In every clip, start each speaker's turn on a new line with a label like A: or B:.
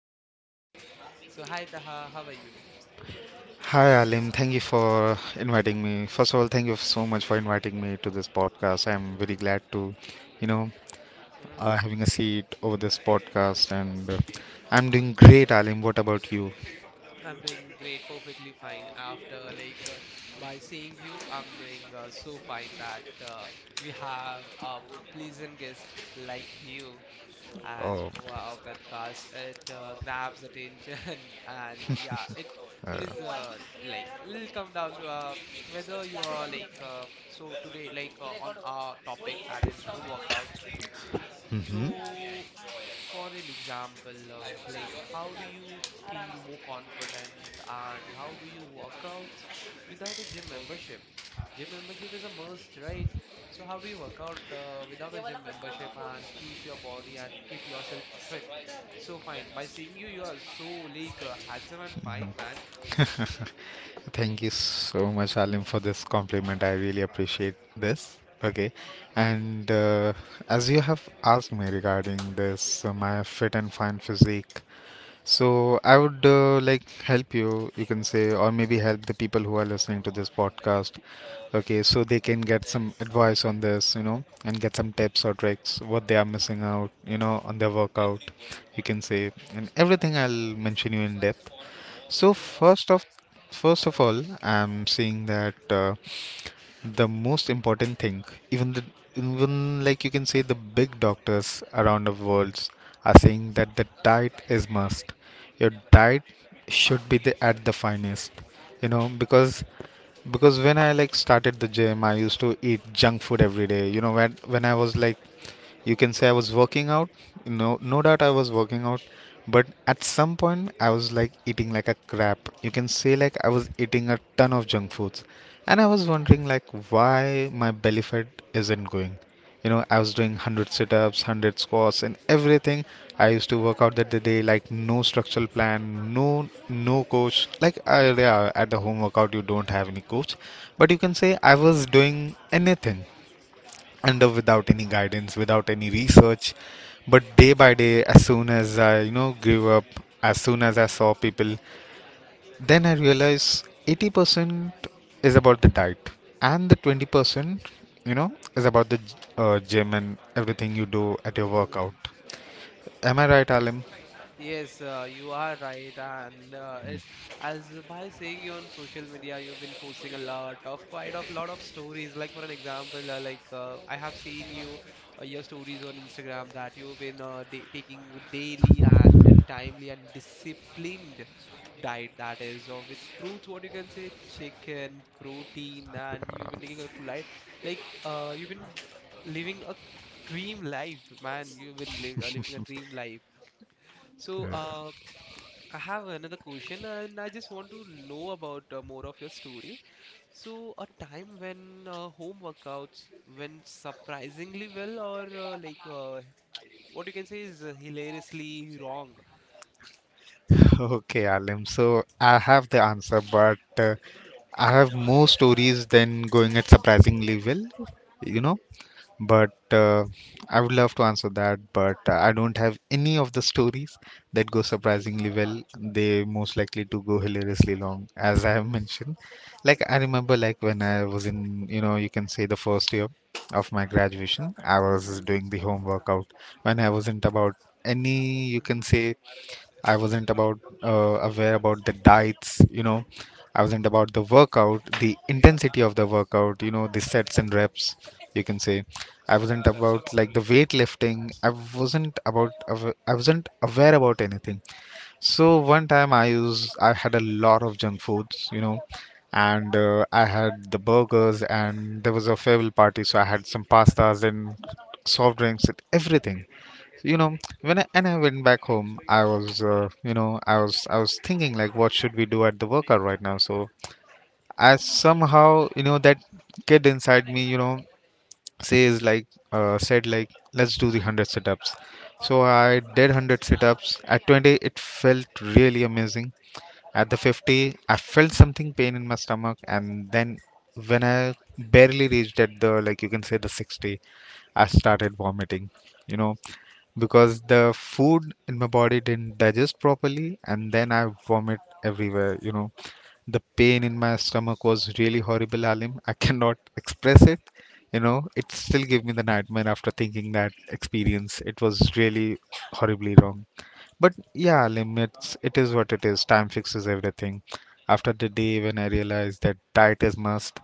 A: workouts. So, hi Taha, how are you?
B: Hi, Alim. Thank you for inviting me. First of all, thank you so much for inviting me to this podcast. I'm very glad to, you know,
A: Mm,
B: having a seat over this podcast, and I'm doing great, Alim. What about you?
A: I'm doing great, perfectly fine. After like by seeing you, I'm doing so fine that we have a pleasant guest like you. As
B: Oh,
A: wow Petkas. It grabs attention and yeah, it is like will come down to whether you are like so today like on our topic that is home workouts. So for an example, like how do you feel more confident and how do you work out without a gym membership? Gym membership is a must, right? So how do you work out without a gym membership and keep your body and keep yourself fit? So fine. By seeing you, you are so like handsome and fine, man.
B: thank you so much, Alim, for this compliment. I really appreciate this. Okay, and as you have asked me regarding this, my fit and fine physique. So I would like help you, you can say, or maybe help the people who are listening to this podcast. Okay, so they can get some advice on this, and get some tips or tricks, what they are missing out, on their workout, you can say, and everything I'll mention you in depth. So first of all, I'm seeing that. The most important thing, even the even like, you can say, the big doctors around the world are saying that the diet is must. Your diet should be, the, at the finest, you know, because when I like started the gym, I used to eat junk food every day, you know, when I was, like, you can say, I was working out. No doubt I was working out, but at some point I was like eating like a crap, you can say. Like, I was eating a ton of junk foods, and I was wondering like why my belly fat isn't going, you know. I was doing 100 sit-ups, 100 squats, and everything. I used to work out that the day, like no structural plan, no coach, like I, yeah, at the home workout you don't have any coach, but you can say I was doing anything under without any guidance, without any research. But day by day, as soon as I, you know, gave up, as soon as I saw people, then I realized 80% is about the diet, and the 20%, you know, is about the gym and everything you do at your workout.
A: Mm-hmm.
B: Am I right, Alim?
A: Yes, you are right, and it as by seeing you on social media, you've been posting a lot of quite of lot of stories. Like for an example, like I have seen you your stories on Instagram that you've been da taking daily and timely and disciplined diet that is or with fruits, what you can say, chicken protein, and you've been taking a life like like, you've been living a dream life, man, you've been li living a dream life. So I have another question, and I just want to know about more of your story. So, a time when home workouts went surprisingly well, or like what you can say is hilariously wrong.
B: Okay, Alim. So I have the answer, but I have more stories than going at surprisingly well, you know, but I would love to answer that, but I don't have any of the stories that go surprisingly well. They most likely to go hilariously long, as I have mentioned. Like I remember, like when I was in, you know, you can say, the first year of my graduation, I was
A: Hmm.
B: doing the home workout when I wasn't about any, you can
A: Hmm.
B: say, I wasn't about aware about the diets, you know. I wasn't about the workout, the intensity of the workout, you know, the sets and reps, you can say. I wasn't about like the weightlifting. I wasn't about awa- I wasn't aware about anything. So one time I had a lot of junk foods, you know, and I had the burgers, and there was a farewell party, so I had some pastas and soft drinks and everything. You know, when I, and I went back home, I was you know, I was thinking like what should we do at the workout right now? So I somehow, you know, that kid inside me, you know, says like said like let's do the 100 sit-ups. So I did 100 sit-ups. At 20 it felt really amazing. At the 50, I felt something pain in my stomach, and then when I barely reached at the, like, you can say, the 60, I started vomiting. You know, because the food in my body didn't digest properly, and then I vomit everywhere. You know, the pain in my stomach was really horrible, Alim. I cannot express it. You know, it still gave me the nightmare after thinking that experience. It was really horribly wrong. But yeah, limits, it is what it is. Time fixes everything. After the day when I realized that diet is must,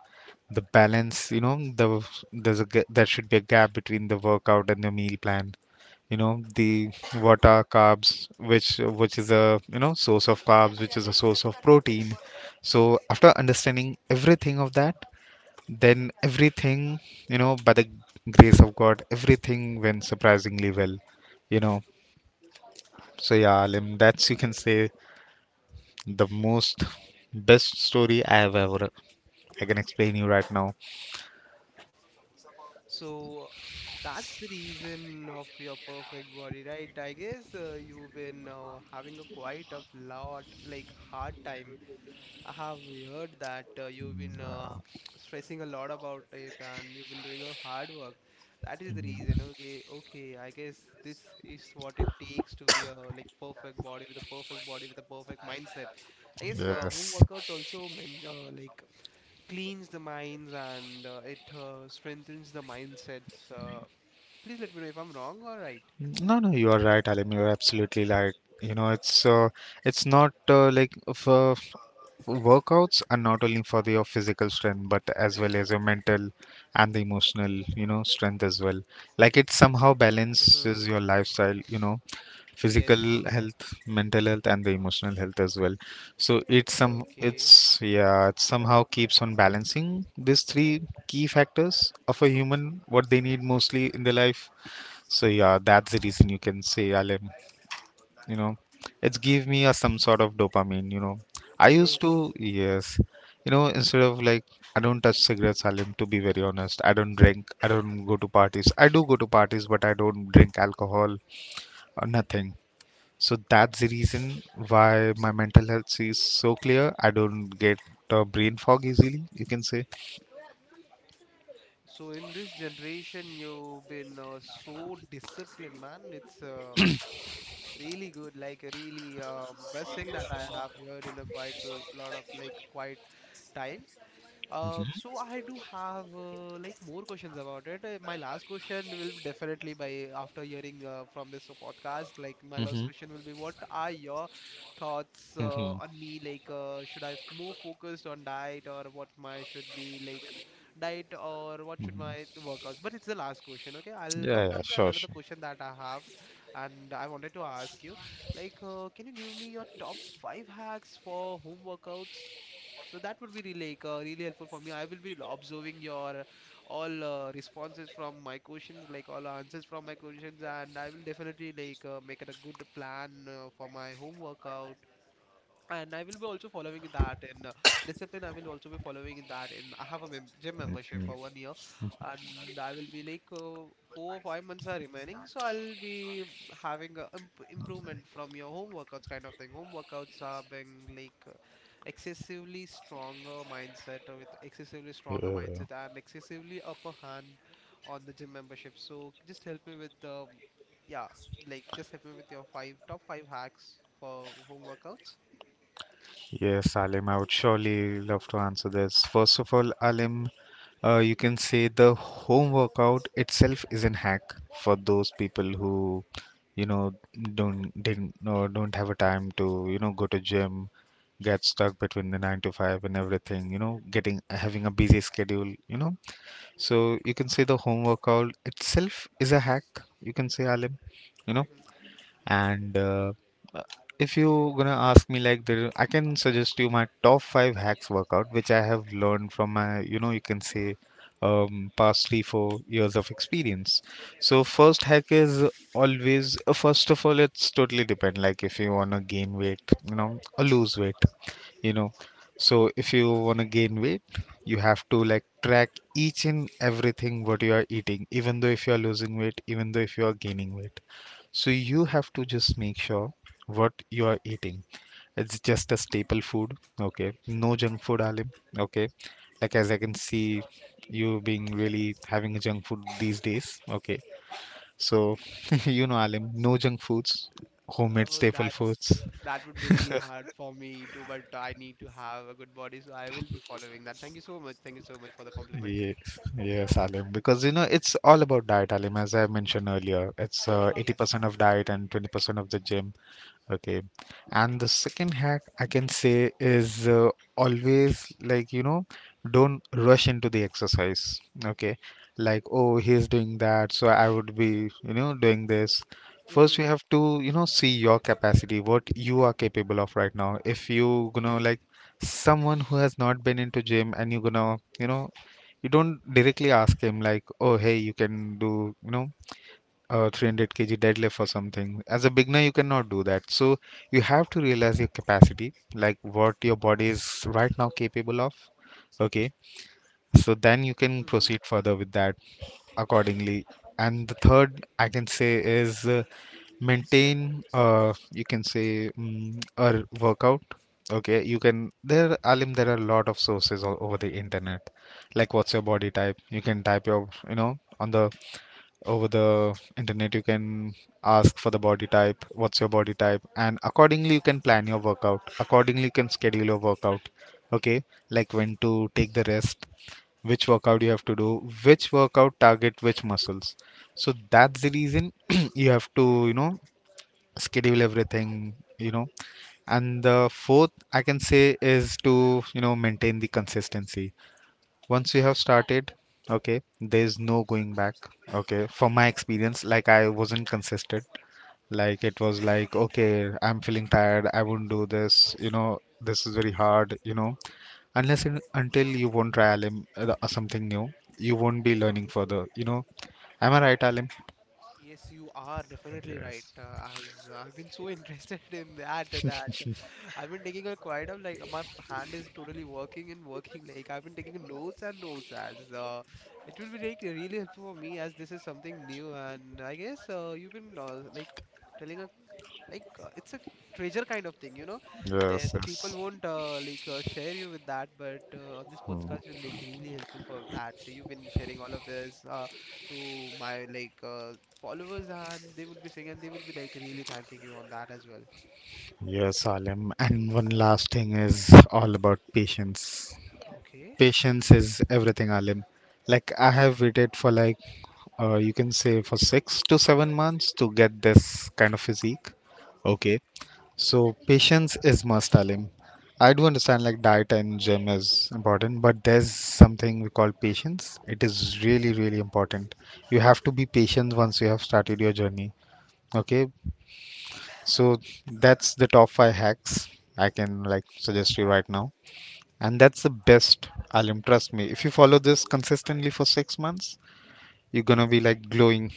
B: the balance, you know, there should be a gap between the workout and the meal plan. You know, the what are carbs, which is a, you know, source of carbs, which is a source of protein. So after understanding everything of that, then everything, you know, by the grace of God, everything went surprisingly well. You know, so yeah, Alim, that's you can say the most best story I have ever I can explain you right now.
A: So, that's the reason of your perfect body, right? I guess you've been having a quite of lot like hard time. I have heard that you've been stressing a lot about it, and you've been doing a hard work. That is the reason. Okay, okay. I guess this is what it takes to be a like perfect body with a perfect body with a perfect mindset. I guess home
B: Yes.
A: workouts also mean like cleans the minds and it strengthens the mindsets. Please let me know if I'm wrong or right.
B: No, no, you are right, Alim. You are absolutely right. You know, it's not like, for workouts are not only for the your physical strength, but as well as your mental and the emotional, you know, strength as well. Like it somehow
A: Mm-hmm.
B: balances your lifestyle, you know, physical
A: Yes.
B: health, mental health, and the emotional health as well. So it's some, it's
A: Okay.
B: yeah, it somehow keeps on balancing these three key factors of a human, what they need mostly in their life. So yeah, that's the reason you can say, Alim. You know, it's give me a some sort of dopamine. You know, I used
A: Yes.
B: to yes. You know, instead of like I don't touch cigarettes, Alim. To be very honest, I don't drink. I don't go to parties. I do go to parties, but I don't drink alcohol or nothing. So that's the reason why my mental health is so clear. I don't get brain fog easily. You can say.
A: So in this generation, you've been so disciplined, man. It's really good. Like really best thing that I have heard in a quite a lot of like quite time. So I do have like more questions about it. My last question will be definitely by after hearing from this podcast. Like my last
B: Mm-hmm.
A: question will be, what are your thoughts
B: Mm-hmm.
A: on me? Like, should I more focused on diet or what my should be, like, diet or what should my workouts? But it's the last question. Okay, I'll come
B: Yeah, yeah,
A: down to
B: sure,
A: another
B: sure.
A: question that I have, and I wanted to ask you, like, can you give me your top five hacks for home workouts? So that would be really like, really helpful for me. I will be observing your all responses from my questions, like all answers from my questions, and I will definitely like make it a good plan for my home workout, and I will be also following that in discipline. I will also be following that in. I have a mem gym membership for 1 year, and I will be like 4 or 5 months are remaining. So I'll be having a improvement from your home workouts kind of thing. Home workouts are being like excessively stronger mindset with excessively
B: Yeah,
A: stronger
B: yeah, yeah.
A: mindset and excessively upper hand on the gym membership. So just help me with yeah, like just help me with your five top five hacks for home workouts.
B: Yes, Alim, I would surely love to answer this. First of all, Alim, you can say the home workout itself is an hack for those people who, you know, don't didn't or don't have a time to, you know, go to gym, get stuck between the nine to five and everything, you know, getting having a busy schedule, you know. So you can say the home workout itself is a hack. You can say, Alim, you know.
A: Mhm.
B: And uh, if you gonna ask me like there, I can suggest you my top five hacks workout, which I have learned from my, you know, you can say, past 3, 4 years of experience. So first hack is always, first of all, it's totally depend. Like if you wanna gain weight, you know, or lose weight, you know. So if you wanna gain weight, you have to like track each and everything what you are eating, even though if you are losing weight, even though if you are gaining weight. So you have to just make sure what you are eating. It's just a staple food, okay? No junk food, Alim, okay? Like as I can see, you being really having a junk food these days, okay? So you know, Alim, no junk foods, homemade
A: Oh,
B: staple foods.
A: that would be really hard for me too, but I need to have a good body, so I will be following that. Thank you so much. Thank you so much for the compliment.
B: Yes, yes, Alim, because you know it's all about diet, Alim. As I mentioned earlier, it's 80%
A: Yes.
B: of diet and 20% of the gym. Okay. And the second hack I can say is always, like, you know, don't rush into the exercise. Okay. Like, oh, he's doing that, so I would be, you know, doing this. First,
A: Mm-hmm.
B: you have to, you know, see your capacity, what you are capable of right now. If you gonna
A: Okay.
B: like someone who has not been into gym and you gonna, you know, you don't directly ask him like, oh, hey, you can do, you know, or 300 kg deadlift or something. As a beginner, you cannot do that. So you have to realize your capacity, like what your body is right now capable of. Okay, so then you can
A: Mm-hmm.
B: proceed further with that accordingly. And the third I can say is maintain, you can say, a workout. Okay, you can. There, Alim, there are a lot of sources all over the internet. Like, what's your body type? You can type your, you know, on the over the internet you can ask for the body type, what's your body type, and accordingly you can plan your workout, accordingly you can schedule your workout. Okay, like when to take the rest, which workout you have to do, which workout target which muscles. So that's the reason you have to, you know, schedule everything, you know. And the fourth I can say is to, you know, maintain the consistency. Once you have started, okay, there's no going back. Okay, from my experience, like I wasn't consistent. Like it was like, okay, I'm feeling tired, I won't do this, you know, this is very hard, you know. Unless and until you won't try, Alim, something new, you won't be learning further, you know. Am I right, Alim?
A: Yes, you are definitely right. As I've been so interested in that, that I've been taking a quite of like my hand is totally working and working. Like I've been taking notes and notes, as it will be like really helpful for me as this is something new. And I guess you've been like, telling a like it's a treasure kind of thing, you know.
B: Yes,
A: The people
B: yes.
A: won't like share you with that, but on this podcast you're like really helpful for that. You've been sharing all of this to my like followers, and they will be saying, and they will be like really thanking you on that as well.
B: Yes, Alim, and one last thing is all about patience.
A: Okay.
B: Patience is everything, Alim. Like I have waited for like you can say for 6 to 7 months to get this kind of physique.
A: Hmm.
B: Okay. So patience is must, Alim. I do understand like diet and gym is important, but there's something we call patience. It is really, really important. You have to be patient once you have started your journey. Okay. So that's the top five hacks I can like suggest you right now, and that's the best, alim, trust me, if you follow this consistently for 6 months you're gonna be like glowing.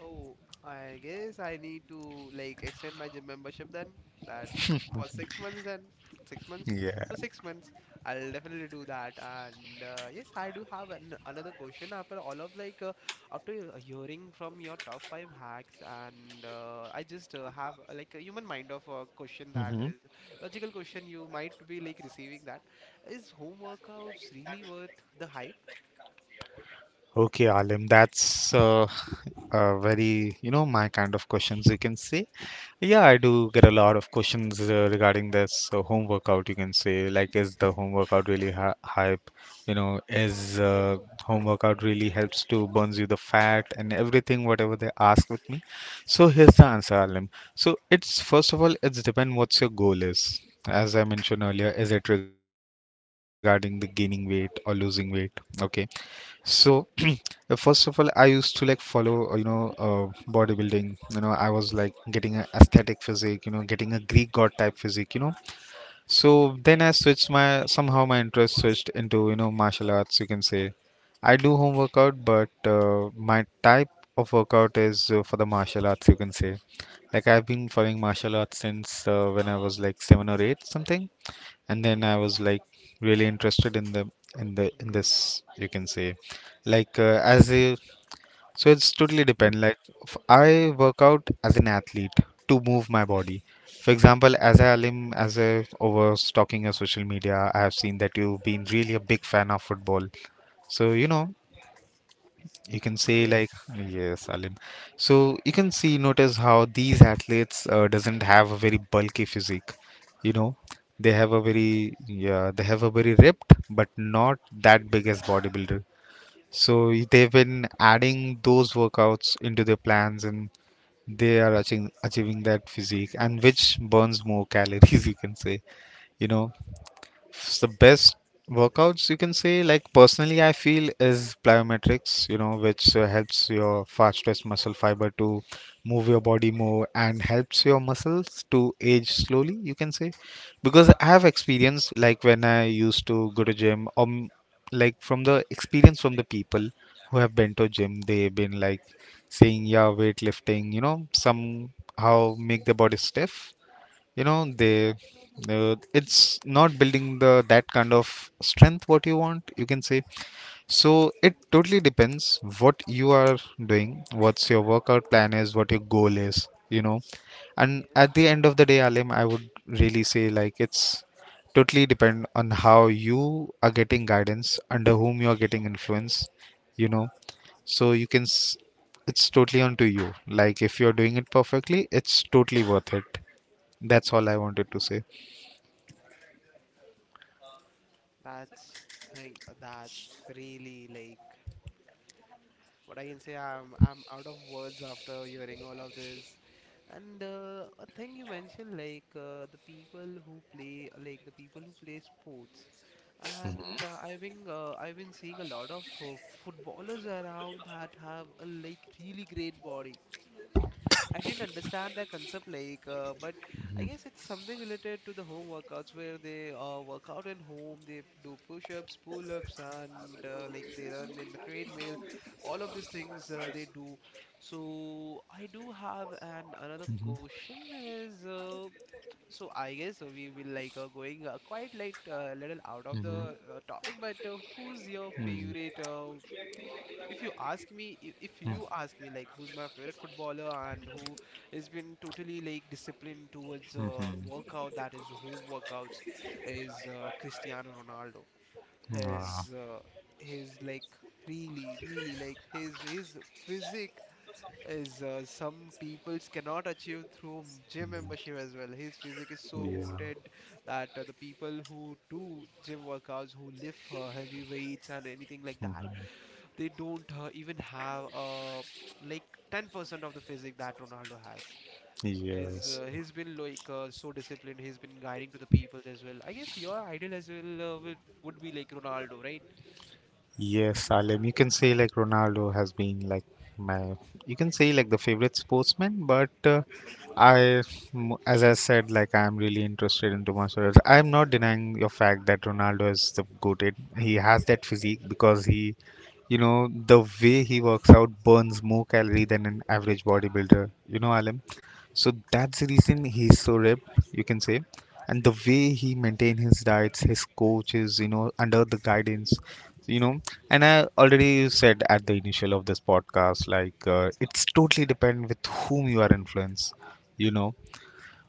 A: Oh, I guess I need to like extend my gym membership then, that for 6 months, then 6 months,
B: Yeah.
A: so 6 months. I'll definitely do that, and yes, I do have an, another question after all of like after hearing from your top five hacks. And I just have like a human mind of a question that
B: Hmm.
A: is logical question you might be like receiving, that is, home workouts really worth the hype?
B: Okay, Alim, that's a very, you know, my kind of questions you can say. Yeah, I do get a lot of questions regarding this home workout, you can say. Like, is the home workout really hy hype? You know, is home workout really helps to burns you the fat and everything, whatever they ask with me. So here's the answer, Alim. So it's first of all, it's depend what's your goal is. As I mentioned earlier, is it regarding the gaining weight or losing weight? Okay. So, first of all, I used to like follow, you know, bodybuilding. You know, I was like getting a aesthetic physique, you know, getting a Greek god type physique, you know. So then I switched my, somehow my interest switched into, you know, martial arts, you can say. I do home workout, but my type of workout is for the martial arts, you can say. Like I've been following martial arts since when I was like 7 or 8, something, and then I was like really interested in the in the in
A: Hmm.
B: this, you can say, like as a, so it's totally depend like I work out as an athlete to move my body. For example, as I am as I over stalking your social media, I have seen that you've been really a big fan of football. So you know, you can say, like
A: Yes.
B: yes, Salim. So you can see, notice how these athletes doesn't have a very bulky physique. You know, they have a
A: Yes.
B: very, yeah, they have a very ripped but not that big as bodybuilder. So they've been adding those workouts into their plans and they are achieving that physique and which burns more calories, you can say. You know, the best workouts, you can say, like personally I feel is plyometrics, you know, which helps your fastest muscle fiber to move your body more and helps your muscles to age slowly, you can say. Because I have experience, like when I used to go to gym, like from the experience, from the people who have been to gym, they've been like saying, yeah, weightlifting, you know, somehow make their body stiff. You know,
A: Mhm.
B: they it's not building the that kind of strength what you want, you can say. So it totally depends what you are doing, what's your workout plan is, what your goal is, you know. And at
A: Yes.
B: the end of the day, alim, I would really say like it's totally depend on how you are getting guidance, under whom you are getting influence, you know. So it's totally on to you. Like if you're doing it perfectly, it's totally worth it. That's all I wanted to say.
A: That's thing. That's really like what I can say. I'm out of words after hearing all of this. And a thing you mentioned, like the people who play, like the people who play sports, and I've been seeing a lot of footballers around that have a like really great body. I didn't understand that concept, like, but I guess it's something related to the home workouts where they work out at home, they do push-ups, pull-ups, and like they run in the treadmill. All of these things they do. So I do have an another question is so I guess we will like going quite like little out of the topic, but who's your favorite if you ask me if you ask me like who's my favorite footballer and who has been totally like disciplined towards workout, that is home workouts, is Cristiano Ronaldo.
B: Ah,
A: His uh, his like really really like his physique is some peoples cannot achieve through gym membership as well. His physique is so
B: yeah,
A: goated that the people who do gym workouts, who lift heavy weights and anything like that, they don't even have like 10% of the physique that Ronaldo has. He's
B: yes,
A: uh, he's been like so disciplined. He's been guiding to the people as well. I guess your ideal as well would be like Ronaldo, right?
B: yes, Salim. You can say like Ronaldo has been like my, you can say like the favorite sportsman, but I, as I said, like I'm really interested into martial arts. I'm not denying your fact that Ronaldo is the goated. He has that physique because he, you know, the way he works out burns more calorie than an average bodybuilder. You know, Alim. So that's the reason he's so ripped, you can say. And the way he maintain his diets, his coaches, you know, under the guidance, you know. And I already said at the initial of this podcast, like it's totally depend with whom you are influenced, you know.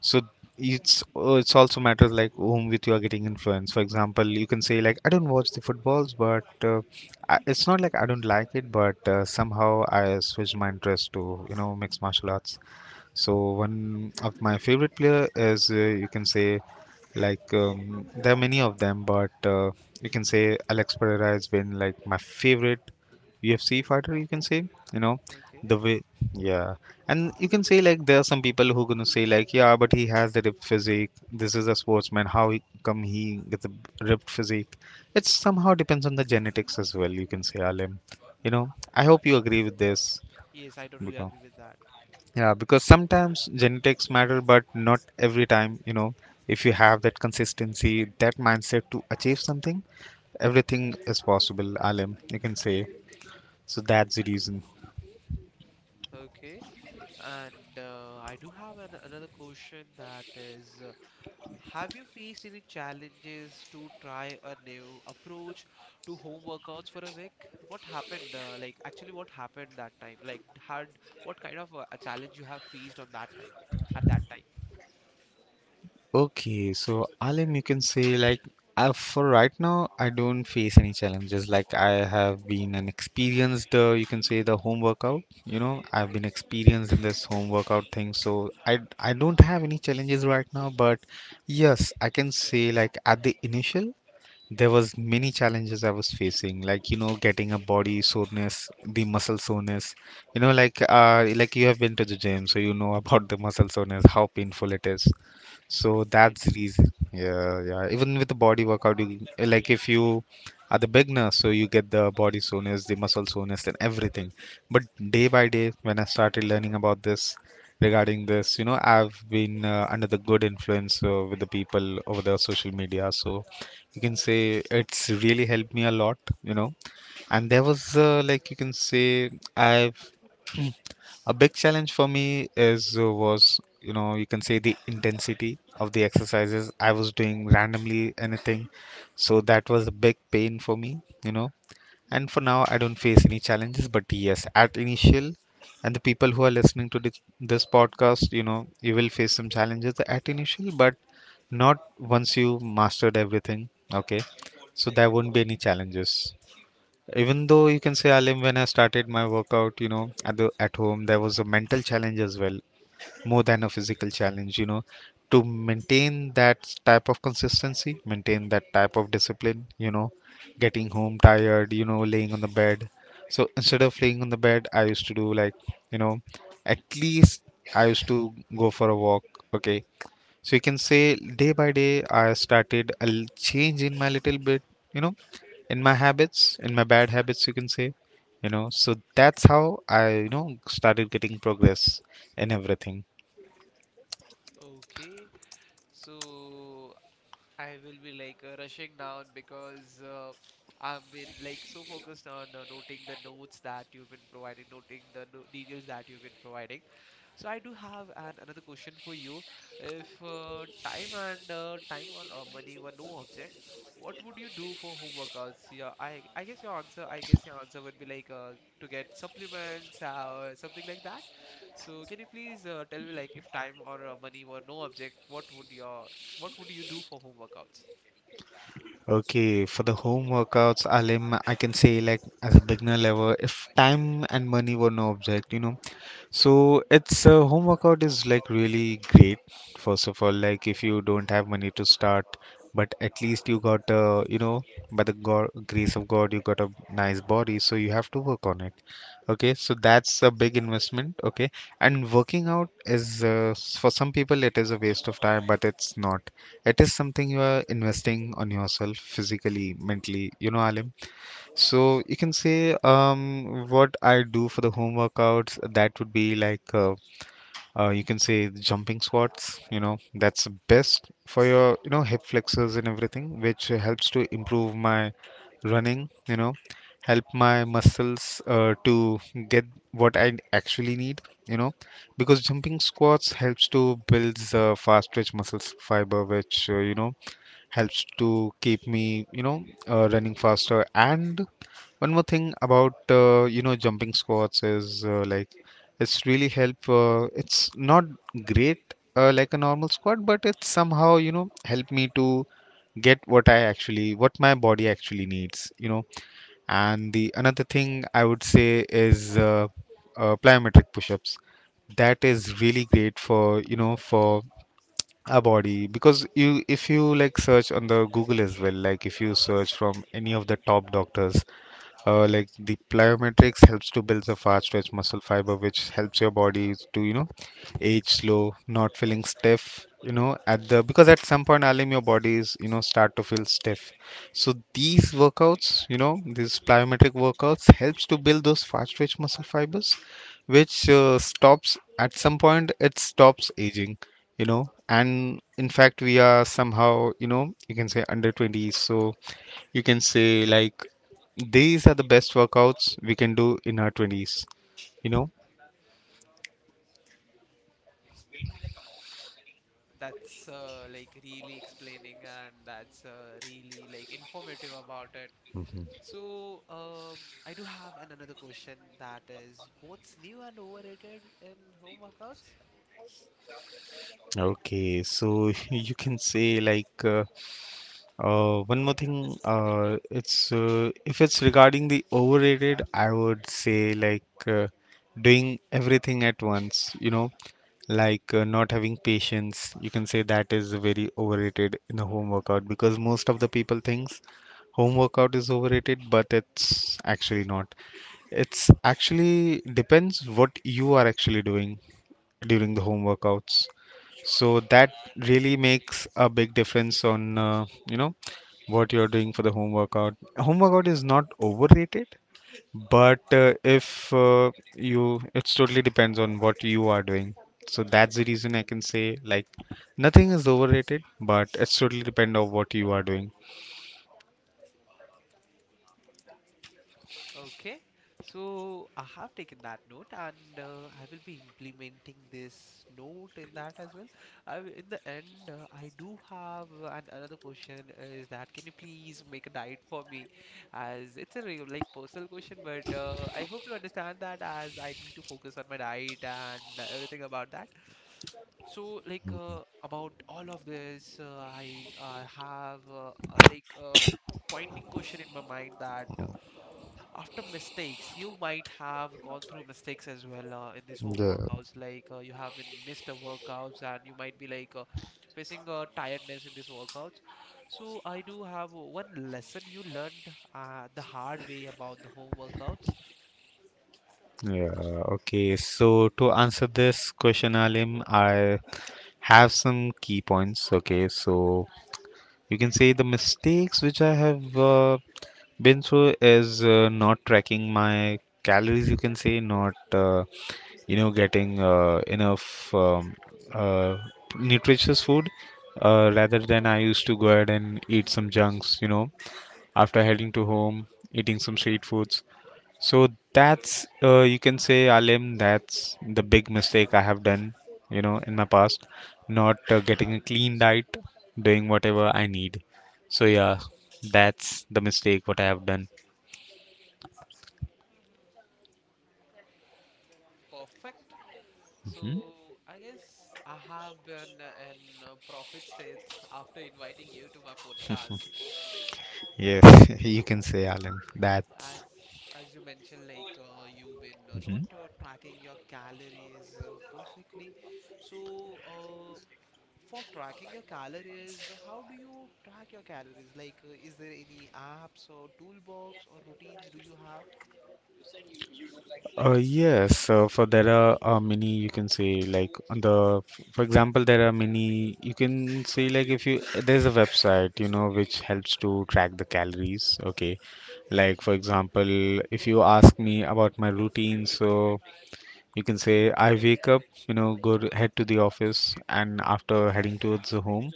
B: So it's also matters like whom with you are getting influenced. For example, you can say like I don't watch the footballs, but I, it's not like I don't like it, but somehow I switched my interest to, you know, mixed martial arts. So one of my favorite player is you can say, like there are many of them, but you can say Alex Pereira has been like my favorite UFC fighter. You can say, you know,
A: Okay.
B: the way, yeah, and you can say like there are some people who gonna say like, yeah, but he has the ripped physique. This is a sportsman. How come he gets a ripped physique? It somehow depends on the genetics as well. You can say Alim. You know, I hope you agree with this
A: Yes, I totally
B: because.
A: agree with that.
B: Yeah, because sometimes genetics matter, but not every time. You know, if you have that consistency, that mindset to achieve something, everything is possible, Alim, you can say. So that's the reason.
A: Okay. And I do have an, another question, that is, have you faced any challenges to try a new approach to home workouts for a week? What happened? Like, actually, what happened that time? Like, had what kind of a challenge you have faced on that time, at that time?
B: Okay, so Alim, you can say like for right now, I don't face any challenges. Like I have been an experienced, you can say the home workout. You know, I've been experienced in this home workout thing, so I don't have any challenges right now. But yes, I can say like at the initial. There was many challenges I was facing, like, you know, getting a body soreness, the muscle soreness, you know, like you have been to the gym, so you know about the muscle soreness, how painful it is. So
A: Yes, I
B: that's the
A: do.
B: reason. Yeah, yeah. Even with the body workout, you, like if you are the beginner, so you get the body soreness, the muscle soreness, and everything. But day by day, when I started learning about this, regarding this, you know, I've been under the good influence with the people over the social media. So you can say it's really helped me a lot, you know. And there was like you can say I've a big challenge for me is was, you know, you can say the intensity of the exercises I was doing randomly anything. So that was a big pain for me, you know. And for now I don't face any challenges, but yes, at initial, and the people who are listening to this, this podcast, you know, you will face some challenges at initial, but not once you mastered everything. Okay. So there won't be any challenges. Even though you can say, Alim, when I started my workout, you know, at the at home, there was a mental challenge as well, more than a physical challenge, you know, to maintain that type of consistency, maintain that type of discipline, you know, getting home tired, you know, laying on the bed. So instead of laying on the bed, I used to do like, you know, at least I used to go for a walk. Okay. So you can say day by day, I started change in my little bit, you know, in my habits, in my bad habits, you can say, you know. So that's how I, you know, started getting progress in everything.
A: Okay, so I will be like rushing down because I've been like so focused on noting the notes that you've been providing, noting the no details that you've been providing. So I do have an another question for you. If time or money were no object, what would you do for home workouts? Yeah, I guess your answer would be like to get supplements or something like that. So can you please tell me, like, if time or money were no object, what would you do for home workouts?
B: Okay, for the home workouts, Alim, I can say like as a beginner level, if time and money were no object, you know. So it's home workout is like really great. First of all, like if you don't have money to start, but at least you got you know, by the God, grace of God, you got a nice body, so you have to work on it. Okay, so that's a big investment. Okay, and working out is for some people it is a waste of time, but it's not. It is something you are investing on yourself physically, mentally, you know, Alim. So you can say, um what I do for the home workouts, that would be like you can say jumping squats, you know, that's best for your, you know, hip flexors and everything, which helps to improve my running, you know, help my muscles to get what I actually need, you know, because jumping squats helps to build fast twitch muscles fiber, which, you know, helps to keep me, you know, running faster. And one more thing about, you know, jumping squats is, like, it's really help. It's not great, like a normal squat, but it somehow, you know, help me to get what my body actually needs, you know. And the another thing I would say is plyometric push-ups. That is really great for, you know, for a body, because you, if you like search on the Google as well, like if you search from any of the top doctors, like the plyometrics helps to build the fast stretch muscle fiber, which helps your body to, you know, age slow, not feeling stiff. You know, at the because at some point, Alim, your body is, you know, start to feel stiff. So these workouts, you know, these plyometric workouts helps to build those fast stretch muscle fibers, which stops, at some point it stops aging. You know, and in fact we are somehow, you know, you can say under 20s. So you can say like these are the best workouts we can do in our 20s, you know.
A: That's like really explaining, and that's really like informative about it. So I do have an another question, that is, what's new and overrated in home workouts?
B: Okay, so you can say like, one more thing, it's if it's regarding the overrated, I would say like, doing everything at once, you know, like, not having patience, you can say, that is very overrated in a home workout, because most of the people thinks home workout is overrated, but it's actually not. It's actually depends what you are actually doing during the home workouts. So that really makes a big difference on, you know, what you're doing for the home workout. Home workout is not overrated, but if you, it's totally depends on what you are doing. So that's the reason I can say like nothing is overrated, but it's totally depend on what you are doing.
A: Okay, so I have taken that note, and I will be implementing this note in that as well. In the end, I do have an, another question is that, can you please make a diet for me? As it's a real, like, personal question, but I hope you understand that, as I need to focus on my diet and everything about that. So, like about all of this, I have like pointing question in my mind that. After mistakes, you might have gone through mistakes as well in these home
B: Yeah.
A: workouts. Like you have been missed a workouts, and you might be like facing tiredness in these workouts. So I do have one lesson you learned the hard way about the home workouts.
B: Yeah, okay. So to answer this question, Alim, I have some key points. Okay, so you can say the mistakes which I have been through is, not tracking my calories, you can say, not, you know, getting enough, uh, nutritious food, rather than I used to go ahead and eat some junks, you know, after heading to home, eating some street foods. So that's, you can say, Alim, that's the big mistake I have done, you know, in my past, not, getting a clean diet, doing whatever I need. So yeah, that's the mistake what I have done.
A: Perfect. So
B: Hmm?
A: I guess I have been in profit states after inviting you to my podcast.
B: Yes, you can say, Alim.
A: As
B: That's
A: as you mentioned, like you've been not tracking your calories perfectly. So, for tracking your calories, how do you track your calories? Like, is there any apps or toolbox or routines do you have?
B: Yes. For there are, many, you can say, like on the, for example, there are many, you can say, like if you, there's a website, you know, which helps to track the calories. Okay, like for example, if you ask me about my routine, so you can say I wake up, you know, head to the office, and after heading towards the home,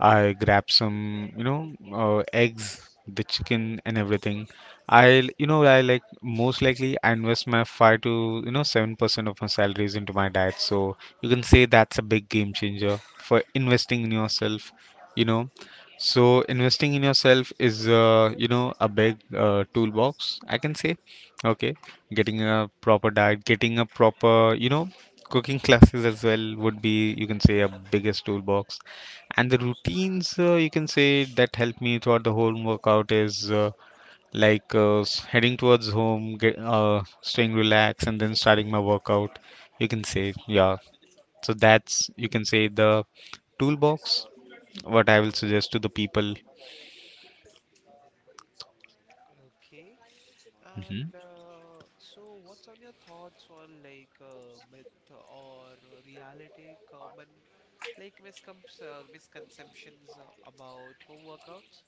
B: I grab some, you know, eggs, the chicken, and everything. I, you know, I, like, most likely I invest my five to, you know, 7% of my salaries into my diet. So you can say that's a big game changer for investing in yourself, you know. So investing in yourself is, you know, a big toolbox, I can say. Okay, getting a proper diet, getting a proper, you know, cooking classes as well would be, you can say, a biggest toolbox. And the routines, you can say, that help me throughout the whole workout is, heading towards home, staying relaxed, and then starting my workout. You can say, yeah. So that's, you can say, the toolbox what I will suggest to the people.
A: Okay. And
B: Hmm.
A: so, what's on your thoughts on like myth or reality, common like misconceptions about home workouts?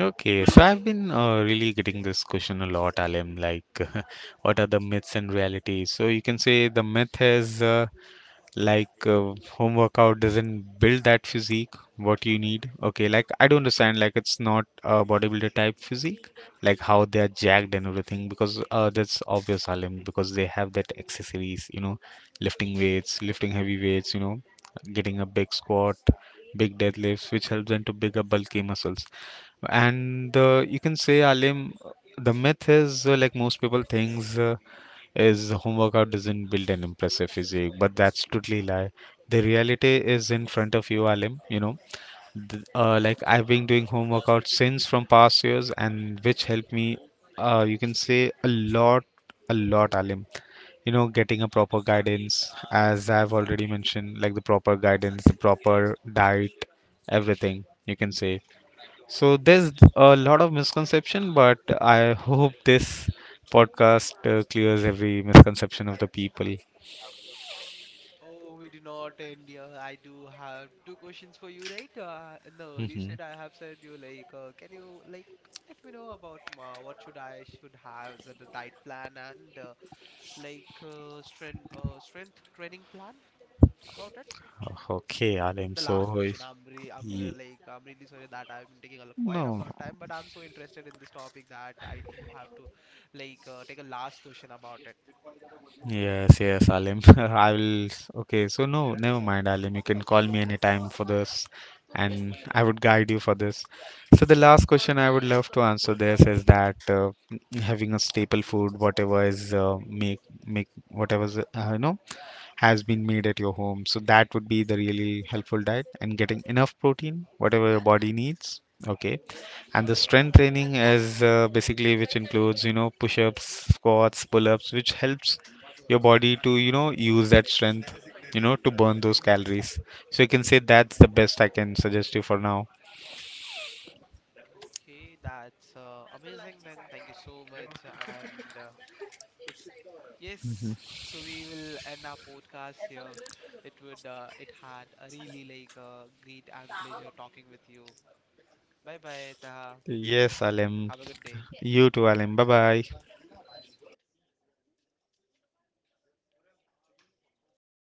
B: Okay, so I've been, really getting this question a lot, Alim. Like, what are the myths and realities? So you can say the myth is, like, home workout doesn't build that physique what you need. Okay, like, I do not understand, like, it's not a bodybuilder type physique, like how they are jacked and everything, because, that's obvious, Alim, because they have that accessories, you know, lifting weights, lifting heavy weights, you know, getting a big squat, big deadlifts, which helps them to bigger bulky muscles. And, you can say, Alim, the myth is, like most people thinks, is home workout doesn't build an impressive physique, but that's totally lie. The reality is in front of you, Alim. You know, like I've been doing home workout since from past years, and which helped me, you can say, a lot, Alim. You know, getting a proper guidance, as I've already mentioned, like the proper guidance, the proper diet, everything, you can say. So there's a lot of misconception, but I hope this podcast clears every misconception of the people.
A: Oh, we do not end here. I do have 2 questions for you, right? In the early
B: Hmm.
A: said, I have said you, like, can you like let me know about what should I should have as a diet plan and like strength training plan about it?
B: Okay, Alim.
A: The last
B: So
A: question. I'm re I'm uh,
B: y-
A: like I'm really sorry that I've been taking a quite a
B: no,
A: lot of time, but I'm so interested in this topic that I do have to like take a last question about it.
B: yes, yes, Alim. I will. Okay, so no, never mind, Alim. You can call me anytime for this, and I would guide you for this. So the last question I would love to answer this is that, having a staple food, whatever is, make make whatever is, you know, has been made at your home. So that would be the really helpful diet, and getting enough protein, whatever your body needs. Okay. And the strength training is, basically, which includes, you know, push ups, squats, pull ups, which helps your body to, you know, use that strength, you know, to burn those calories. So you can say that's the best I can suggest you for now.
A: Okay, that's amazing then. Thank you so much and. Yes, so we will end our podcast here. It had a really like great and pleasure talking with you. Bye bye, Taha.
B: Yes, Alim.
A: Have a good day.
B: You too, Alim. Bye bye.